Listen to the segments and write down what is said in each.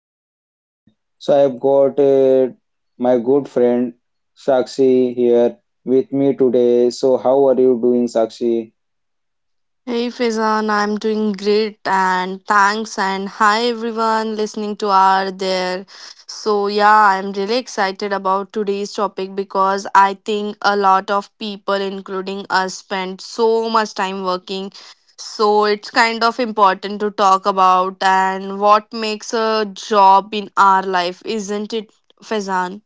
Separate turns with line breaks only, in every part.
host Faizan. So I've got my good friend Sakshi here with me today. So how are you doing, Sakshi?
Hey Faizan, I'm doing great and thanks and hi everyone listening to our there. So yeah, I'm really excited about today's topic because I think a lot of people including us spend so much time working. So it's kind of important to talk about and what makes a job in our life, isn't it Faizan?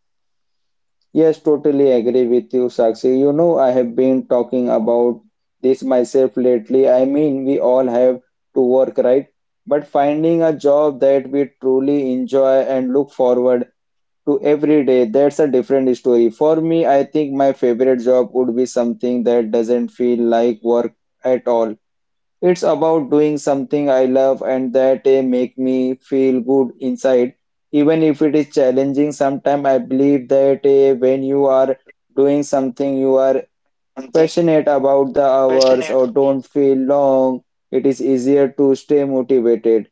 Yes, totally agree with you, Sakshi. You know, I have been talking about this myself lately. I mean, we all have to work, right? But finding a job that we truly enjoy and look forward to every day, that's a different story. For me, I think my favorite job would be something that doesn't feel like work at all. It's about doing something I love and that make me feel good inside. Even if it is challenging sometimes, I believe that when you are doing something you are
Something
passionate about the
passionate.
hours or don't feel long, it is easier to stay motivated.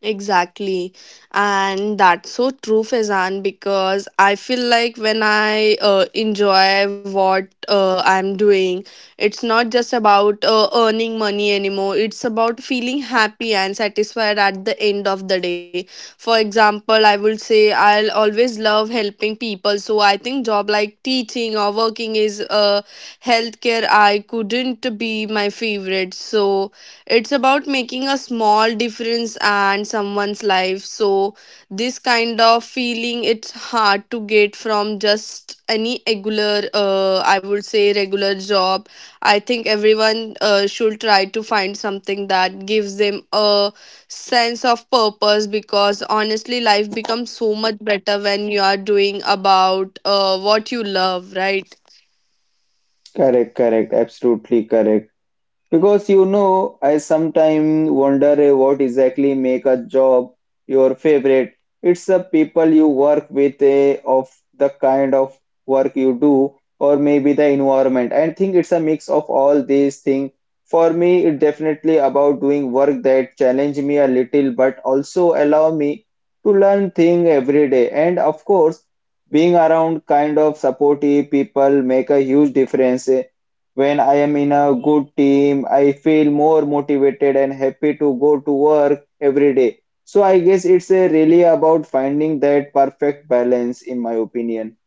Exactly. And that's so true, Faizan, because I feel like when I enjoy what I'm doing, it's not just about earning money anymore. It's about feeling happy and satisfied at the end of the day. For example, I would say I'll always love helping people. So I think job like teaching or working is healthcare, I couldn't be my favorite. So it's about making a small difference and someone's life. So this kind of feeling it's hard to get from just any regular I would say regular job. I think everyone should try to find something that gives them a sense of purpose because honestly life becomes so much better when you are doing about what you love, right?
Correct, correct, absolutely correct. Because you know, I sometimes wonder what exactly make a job your favorite. It's the people you work with, of the kind of work you do, or maybe the environment. I think it's a mix of all these things. For me, it's definitely about doing work that challenge me a little, but also allow me to learn things every day. And of course, being around kind of supportive people make a huge difference. When I am in a good team, I feel more motivated and happy to go to work every day. So I guess it's a really about finding that perfect balance, in my opinion.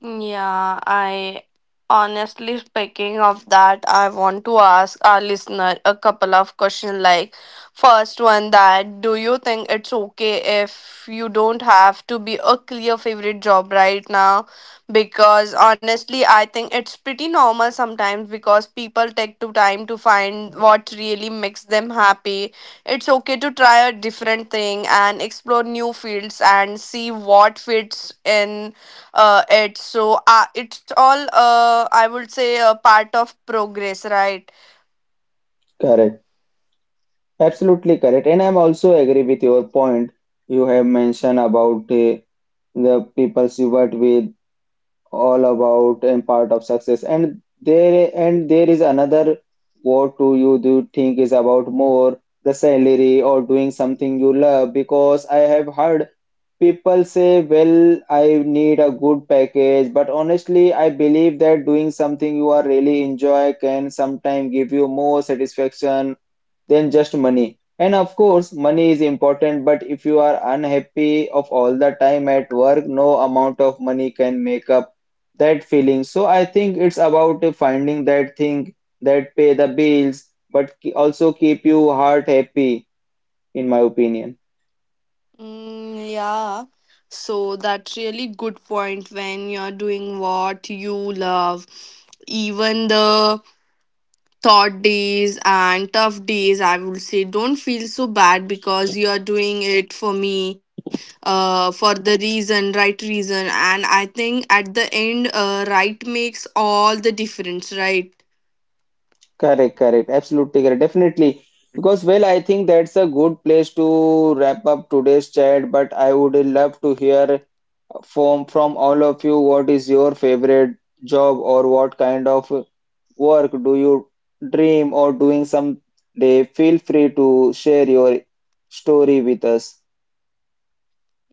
Yeah, I honestly speaking of that, I want to ask our listener a couple of questions like first one that do you think it's okay if you don't have to be a clear favorite job right now? Because honestly, I think it's pretty normal sometimes because people take too time to find what really makes them happy. It's okay to try a different thing and explore new fields and see what fits in it. So it's all, I would say, a part of progress, right?
Correct. Absolutely correct. And I'm also agree with your point you have mentioned about the people you work with all about and part of success and there is another what do you do think is about more the salary or doing something you love, because I have heard people say, well, I need a good package, but honestly I believe that doing something you are really enjoy can sometimes give you more satisfaction than just money. And of course, money is important, but if you are unhappy of all the time at work, no amount of money can make up that feeling. So I think it's about finding that thing that pay the bills, but also keep you heart happy, in my opinion.
Yeah. So that's really good point when you're doing what you love. Even the thought days and tough days, I would say, don't feel so bad because you're doing it for me, for the reason, right reason. And I think at the end, right makes all the difference, right?
Correct, correct. Absolutely correct. Definitely. Because, well, I think that's a good place to wrap up today's chat, but I would love to hear from all of you, what is your favorite job or what kind of work do you dream or doing someday? Feel free to share your story with us.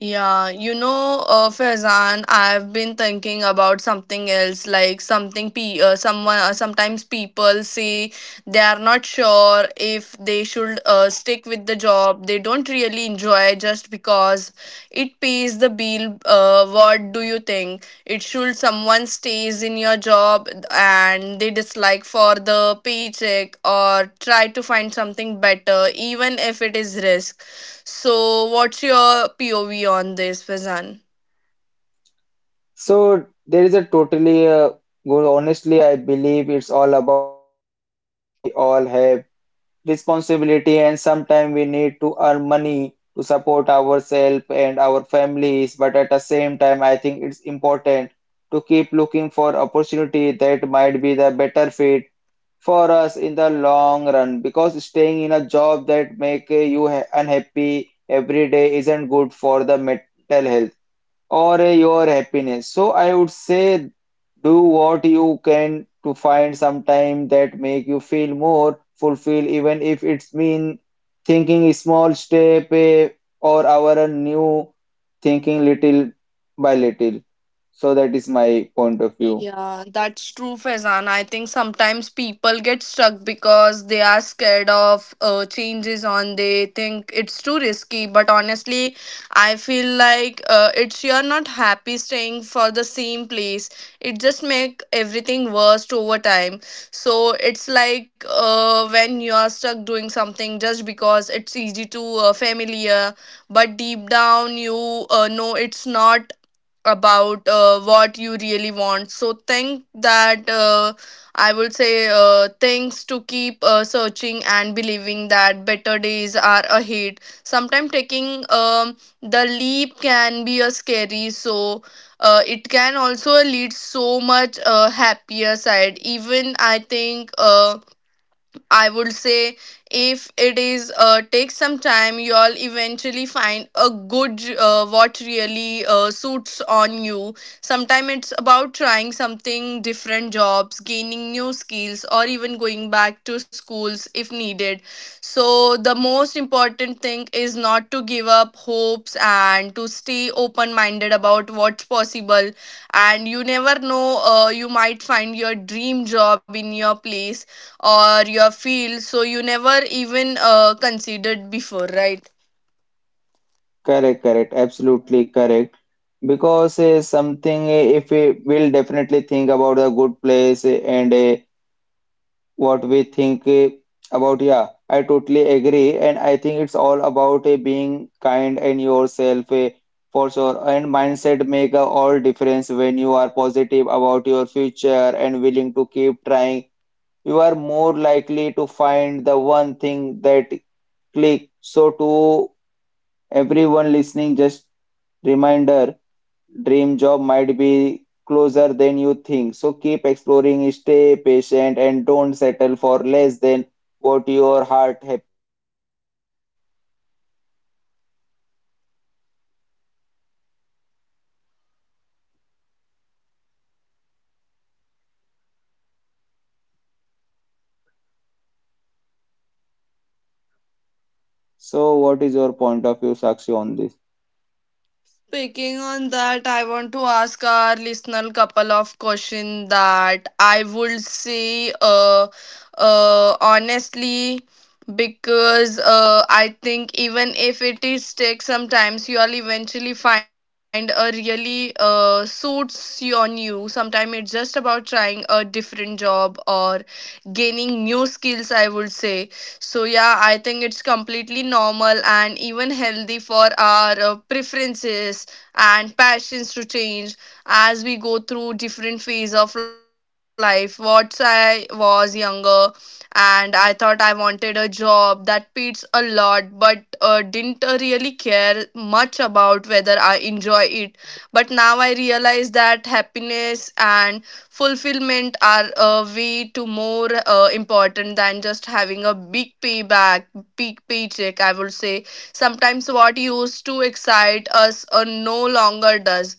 Yeah, you know, Faizan, I've been thinking about something else, like something pe someone sometimes people say they are not sure if they should stick with the job they don't really enjoy just because it pays the bill. What do you think? It should someone stays in your job and they dislike for the paycheck or try to find something better, even if it is risk. So, what's your POV on this, Fazan?
So there is a totally well, honestly, I believe it's all about balance. I mean, we all have responsibility, and sometimes we need to earn money to support ourselves and our families, but at the same time I think it's important to keep looking for opportunity that might be the better fit for us in the long run, because staying in a job that make you unhappy every day isn't good for the mental health or your happiness. So I would say do what you can to find some time that make you feel more fulfilled, even if it's mean thinking a small step or our new thinking little by little. So that is my point of view.
Yeah, that's true, Faizan. I think sometimes people get stuck because they are scared of changes on. They think it's too risky. But honestly, I feel like it's you're not happy staying for the same place. It just make everything worse over time. So it's like when you are stuck doing something just because it's easy to familiar, but deep down you know it's not about what you really want so think that I would say things to keep searching and believing that better days are ahead. Sometimes taking the leap can be a scary, so it can also lead so much happier side even I think I would say if it is take some time, you all eventually find a good what really suits on you. Sometimes it's about trying something different jobs, gaining new skills, or even going back to schools if needed. So the most important thing is not to give up hopes and to stay open minded about what's possible and you never know you might find your dream job in your place or your field so you never even considered before, right?
Correct, correct, absolutely correct. Because something if we will definitely think about the good place what we think about. Yeah, I totally agree, and I think it's all about being kind and yourself for sure. And mindset make a all difference when you are positive about your future and willing to keep trying. You are more likely to find the one thing that click. So to everyone listening, just reminder dream job might be closer than you think. So keep exploring, stay patient, and don't settle for less than what your heart happy. So what is your point of view, Sakshi, on this?
Picking on that, I want to ask our listener couple of questions that I would say honestly because I think even if it is take sometimes you'll eventually find a really suits you on you. Sometimes it's just about trying a different job or gaining new skills, I would say. So yeah, I think it's completely normal and even healthy for our preferences and passions to change as we go through different phase of life. What I was younger and I thought I wanted a job that pays a lot but didn't really care much about whether I enjoy it, but now I realize that happiness and fulfillment are way too more important than just having a big payback big paycheck, I would say. Sometimes what used to excite us no longer does.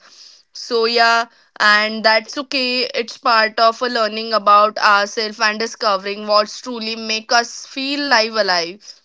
So yeah, and that's okay, it's part of a learning about ourselves and discovering what's truly make us feel live alive.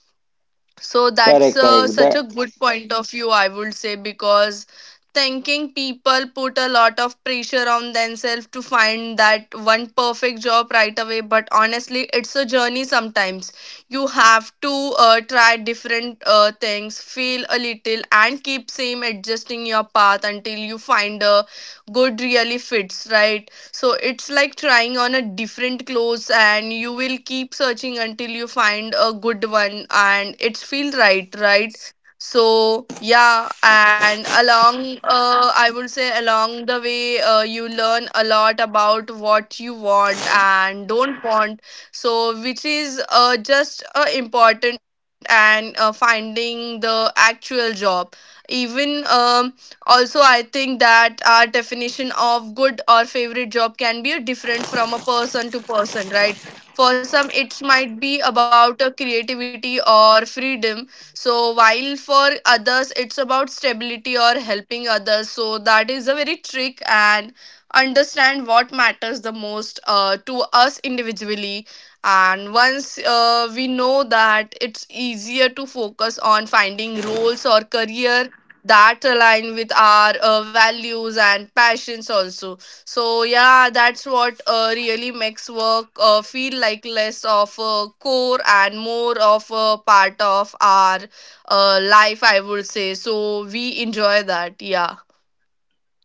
So that's
Correct, correct.
such a
That
good point of view, I would say, because thinking people put a lot of pressure on themselves to find that one perfect job right away. But honestly, it's a journey sometimes. You have to try different things, feel a little, and keep same adjusting your path until you find a good really fits, right? So it's like trying on a different clothes and you will keep searching until you find a good one and it feels right, right? So yeah, and along I would say along the way you learn a lot about what you want and don't want, so which is just important and finding the actual job even. Also, I think that our definition of good or favorite job can be different from a person to person, right? For some, it might be about a creativity or freedom. So, while for others, it's about stability or helping others. So, that is a very trick and understand what matters the most to us individually. And once we know that, it's easier to focus on finding roles or career that align with our values and passions also. So yeah, that's what really makes work feel like less of a core and more of a part of our life, I would say, so we enjoy that, yeah.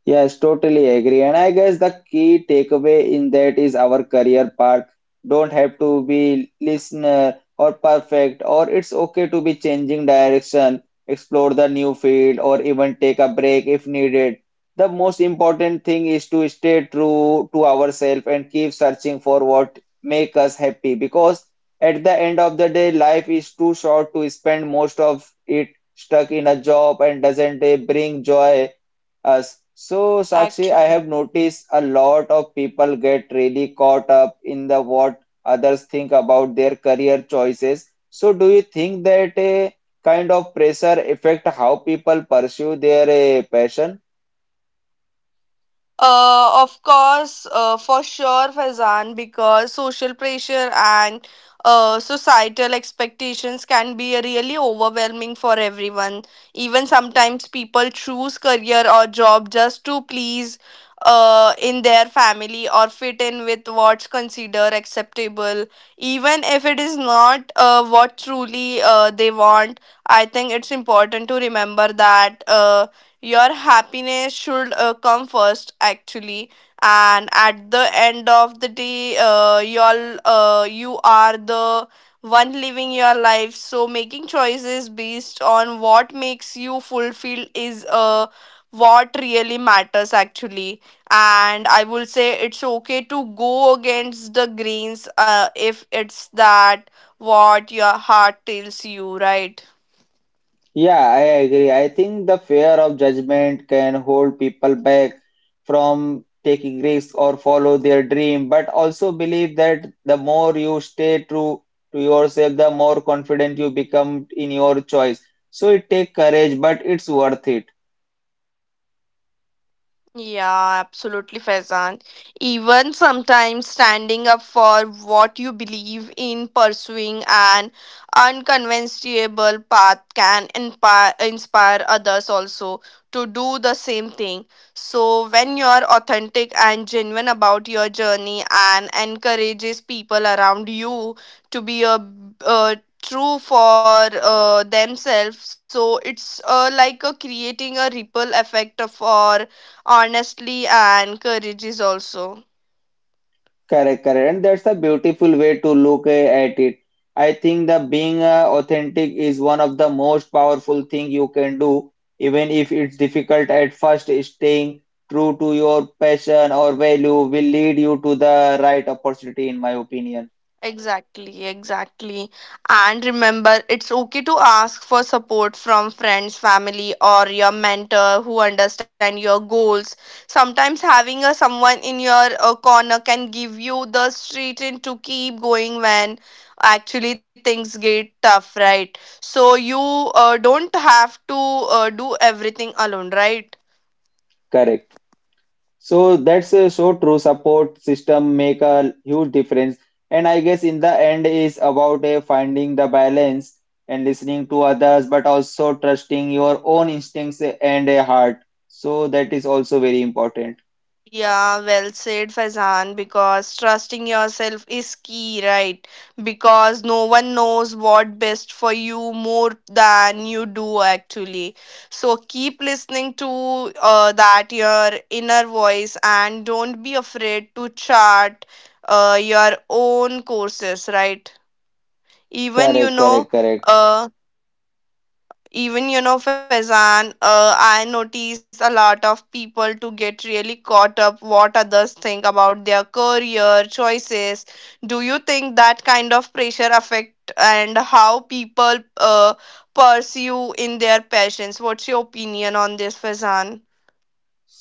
yes, totally agree. And I guess the key takeaway in that is our career path don't have to be listener or perfect, or it's okay to be changing direction, explore the new field, or even take a break if needed. The most important thing is to stay true to ourselves and keep searching for what make us happy, because at the end of the day, life is too short to spend most of it stuck in a job and doesn't bring joy us. So, Sakshi, I
Actually.
have noticed a lot of people get really caught up in the what others think about their career choices. So, do you think that a kind of pressure affect how people pursue their passion?
Of course, for sure, Faizan, because social pressure and societal expectations can be really overwhelming for everyone. Even sometimes people choose career or job just to please in their family or fit in with what's considered acceptable, even if it is not what truly they want. I think it's important to remember that. Your happiness should come first actually, and at the end of the day y'all you are the one living your life, so making choices based on what makes you fulfilled is what really matters actually. And I will say it's okay to go against the grains if it's that what your heart tells you, right?
Yeah, I agree. I think the fear of judgment can hold people back from taking risks or follow their dream, but also believe that the more you stay true to yourself, the more confident you become in your choice. So it takes courage, but it's worth it.
Yeah, absolutely, Faizan. Even sometimes standing up for what you believe in, pursuing an unconventional path can inspire others also to do the same thing. So, when you're authentic and genuine about your journey and encourages people around you to be a true for themselves, so it's like a creating a ripple effect for honestly and courage is also
Correct, correct. And that's a beautiful way to look at it. I think that being authentic is one of the most powerful thing you can do, even if it's difficult at first. Staying true to your passion or value will lead you to the right opportunity, in my opinion.
exactly exactly, and remember it's okay to ask for support from friends family or your mentor who understand your goals. Sometimes having a someone in your corner can give you the strength to keep going when actually things get tough, right? So you don't have to do everything alone, right?
Correct. So that's so true. Support system make a huge difference, and I guess in the end is about finding the balance and listening to others, but also trusting your own instincts and a heart. So that is also very important.
Yeah, well said, Faizan, because trusting yourself is key, right? Because no one knows what best for you more than you do, actually. So keep listening to that your inner voice and don't be afraid to chart your own courses, right? Even, you
Correct, correct,
know,
correct.
uh, even you know Faizan, I notice a lot of people to get really caught up what others think about their career choices. Do you think that kind of pressure affect and how people pursue in their passions? What's your opinion on this, Faizan?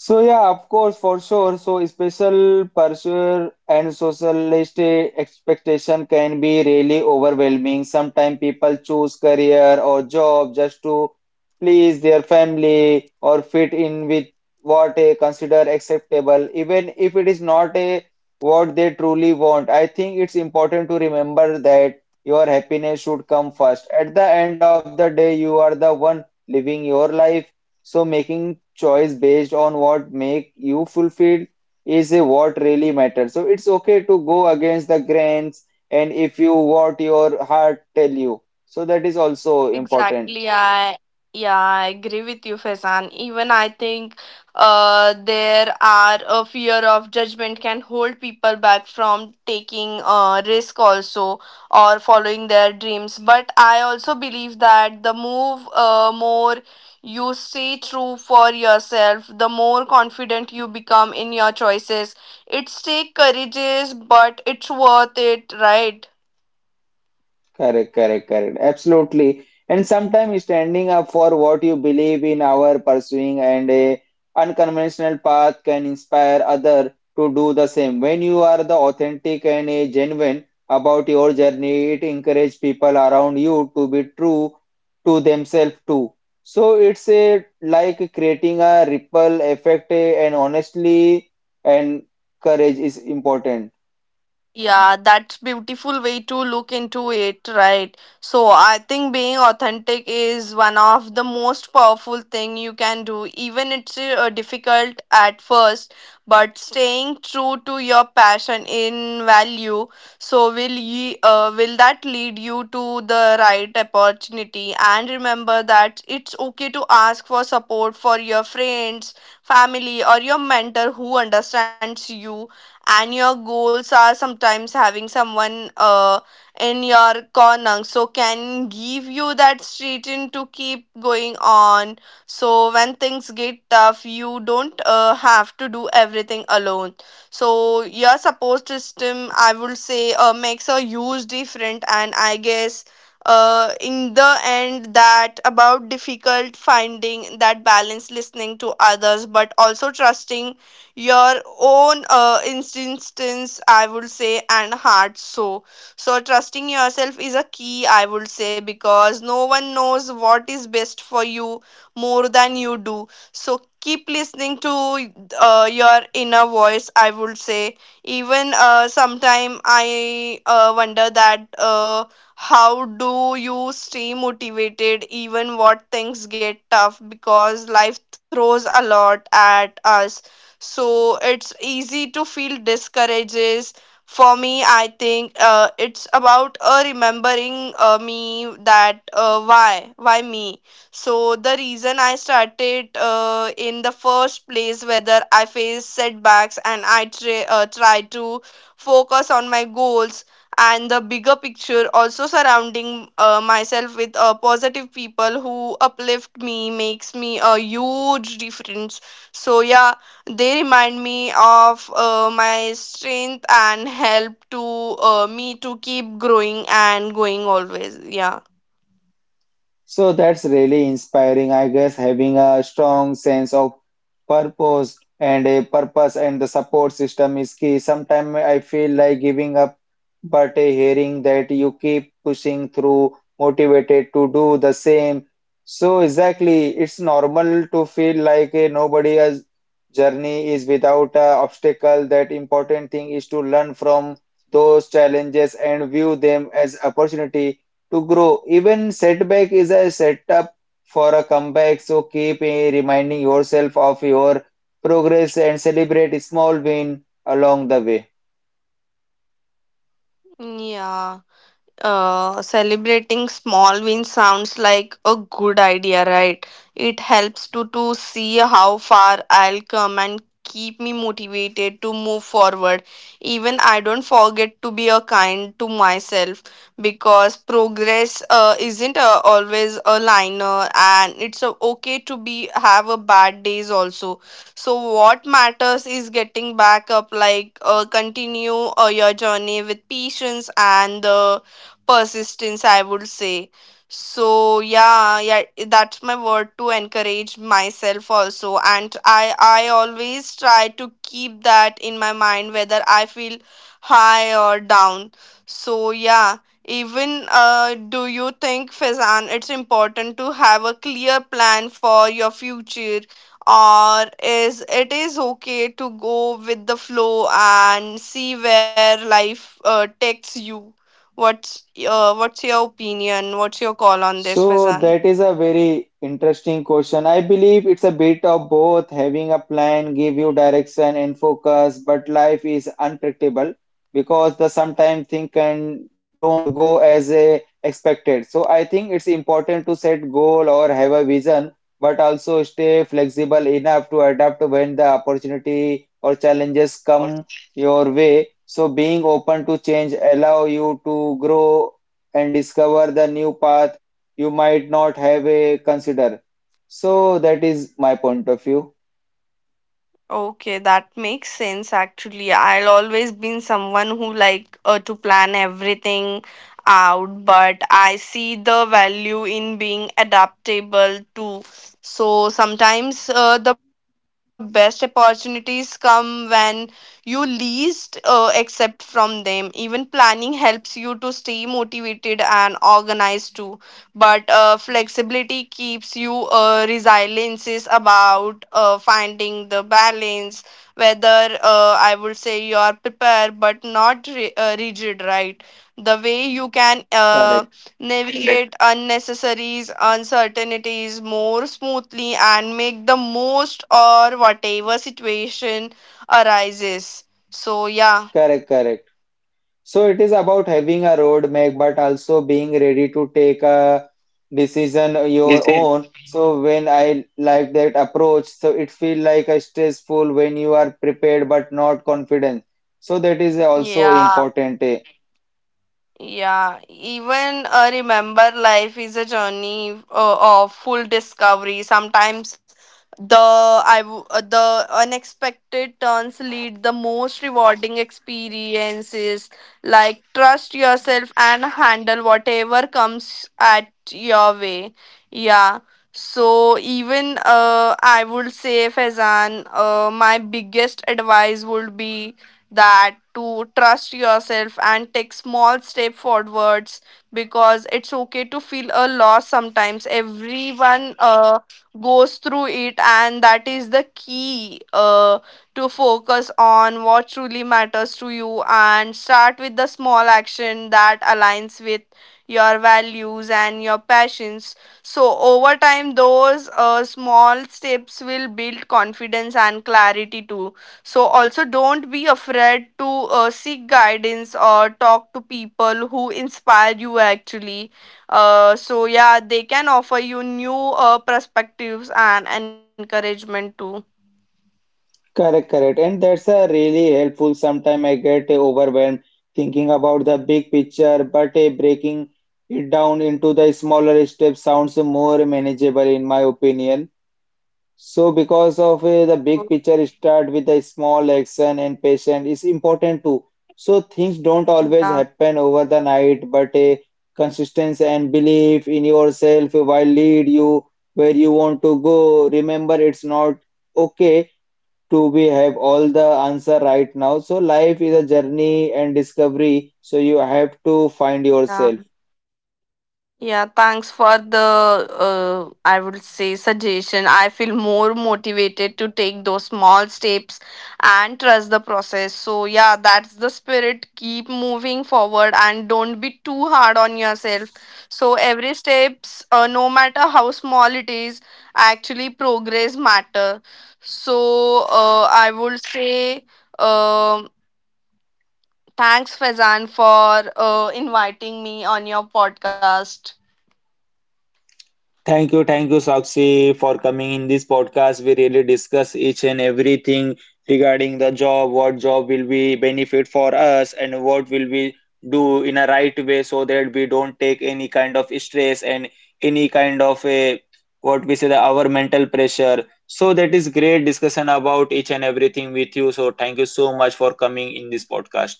So yeah, of course, for sure. So special pressure and socialist expectation can be really overwhelming. Sometimes people choose career or job just to please their family or fit in with what they consider acceptable, even if it is not a what they truly want. I think it's important to remember that your happiness should come first. At the end of the day, you are the one living your life. So making choice based on what make you fulfilled is a what really matters. So it's okay to go against the grains and if you what your heart tell you. So that is also important.
Exactly, I yeah, I agree with you, Faizan. Even I think there are a fear of judgment can hold people back from taking risk also or following their dreams. But I also believe that the move more you stay true for yourself, the more confident you become in your choices. It's take courageous, but it's worth it, right?
Correct, correct, correct. Absolutely. And sometimes standing up for what you believe in our pursuing and a unconventional path can inspire other to do the same. When you are the authentic and a genuine about your journey, it encourage people around you to be true to themselves too. So it's a like creating a ripple effect and honestly and courage is important.
Yeah, that's beautiful way to look into it, right? So I think being authentic is one of the most powerful thing you can do. Even it's difficult at first, but staying true to your passion in value, so will that lead you to the right opportunity? And remember that it's okay to ask for support for your friends, family, or your mentor who understands you, and your goals are sometimes having someone in your corner, so can give you that strength to keep going on. So when things get tough, you don't have to do everything alone. So your support system, I would say, makes a huge difference. And I guess in the end, that about difficult finding that balance, listening to others but also trusting your own instance, I would say, and heart. So trusting yourself is a key, I would say, because no one knows what is best for you more than you do. So keep listening to your inner voice, I would say. Even sometime I wonder that how do you stay motivated even what things get tough, because life throws a lot at us. So it's easy to feel discourages. For me I think it's about remembering me that why me. So the reason I started in the first place, whether I face setbacks, and I try to focus on my goals and the bigger picture. Also surrounding myself with positive people who uplift me makes me a huge difference. So yeah, they remind me of my strength and help to me to keep growing and going always. Yeah.
So that's really inspiring, I guess, having a strong sense of purpose and the support system is key. Sometimes I feel like giving up, but a hearing that you keep pushing through, motivated to do the same. So exactly, it's normal to feel like a nobody else's journey is without a obstacle. That important thing is to learn from those challenges and view them as opportunity to grow. Even setback is a setup for a comeback. So keep reminding yourself of your progress and celebrate small win along the way.
Yeah. Celebrating small wins sounds like a good idea, right? It helps to see how far I'll come and keep me motivated to move forward. Even I don't forget to be a kind to myself, because progress isn't always a liner, and it's okay to be have a bad days also. So what matters is getting back up, like continue your journey with patience and the persistence, I would say. So yeah, yeah, that's my word to encourage myself also, and I always try to keep that in my mind whether I feel high or down. So yeah, even do you think, Fazan, it's important to have a clear plan for your future, or is it is okay to go with the flow and see where life takes you? What's your opinion? What's your call on this,
So
Fazan?
that is a very interesting question. I believe it's a bit of both. Having a plan give you direction and focus, but life is unpredictable because the sometimes things can don't go as a expected. So I think it's important to set goal or have a vision, but also stay flexible enough to adapt when the opportunity or challenges come your way. So being open to change allow you to grow and discover the new path you might not have a consider. So that is my point of view.
Okay, that makes sense actually. I'll always been someone who like to plan everything out, but I see the value in being adaptable too. So sometimes the best opportunities come when you least accept from them. Even planning helps you to stay motivated and organized too. But flexibility keeps you resilience is about finding the balance, whether I would say you are prepared but not ri uh, rigid, right? The way you can
Correct,
navigate unnecessary uncertainties more smoothly and make the most or whatever situation arises. So yeah.
correct, correct. So it is about having a roadmap, but also being ready to take a decision your
This is.
own. So when I like that approach, so it feel like a stressful when you are prepared but not confident. So that is also
Yeah.
important. Eh.
Yeah, even remember, life is a journey of full discovery. Sometimes the unexpected turns lead the most rewarding experiences. Like trust yourself and handle whatever comes at your way. Yeah. So even I would say, Faizan, my biggest advice would be that to trust yourself and take small step forwards, because it's okay to feel a loss sometimes. Everyone goes through it, and that is the key to focus on what truly matters to you, and start with the small action that aligns with your values and your passions. So over time those small steps will build confidence and clarity too. So also don't be afraid to seek guidance or talk to people who inspire you actually. So yeah, they can offer you new perspectives and encouragement too.
Correct, correct. And that's a really helpful. Sometimes I get overwhelmed thinking about the big picture, but breaking it down into the smaller steps sounds more manageable in my opinion. So because of the
So,
big picture, start with the small action and patient is important too. So things don't always
yeah,
happen over the night, but consistency and belief in yourself will lead you where you want to go. Remember, it's not okay to be have all the answer right now, so life is a journey and discovery, so you have to find
yeah.
yourself.
Yeah, thanks for the, I would say, suggestion. I feel more motivated to take those small steps and trust the process. So, yeah, that's the spirit. Keep moving forward and don't be too hard on yourself. So, every steps, no matter how small it is, actually progress matter. So, I would say, um thanks, Fazan, for inviting me on your podcast.
Thank you, Sakshi, for coming in this podcast. We really discuss each and everything regarding the job, what job will be benefit for us, and what will we do in a right way so that we don't take any kind of stress and any kind of a what we say the our mental pressure. So that is great discussion about each and everything with you. So thank you so much for coming in this podcast.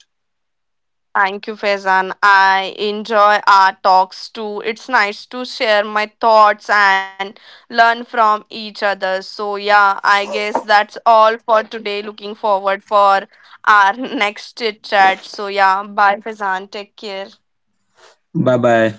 Thank you, Faizan. I enjoy our talks too. It's nice to share my thoughts and learn from each other. So yeah, I guess that's all for today. Looking forward for our next chit chat. So yeah, bye, Faizan. Take care.
Bye bye.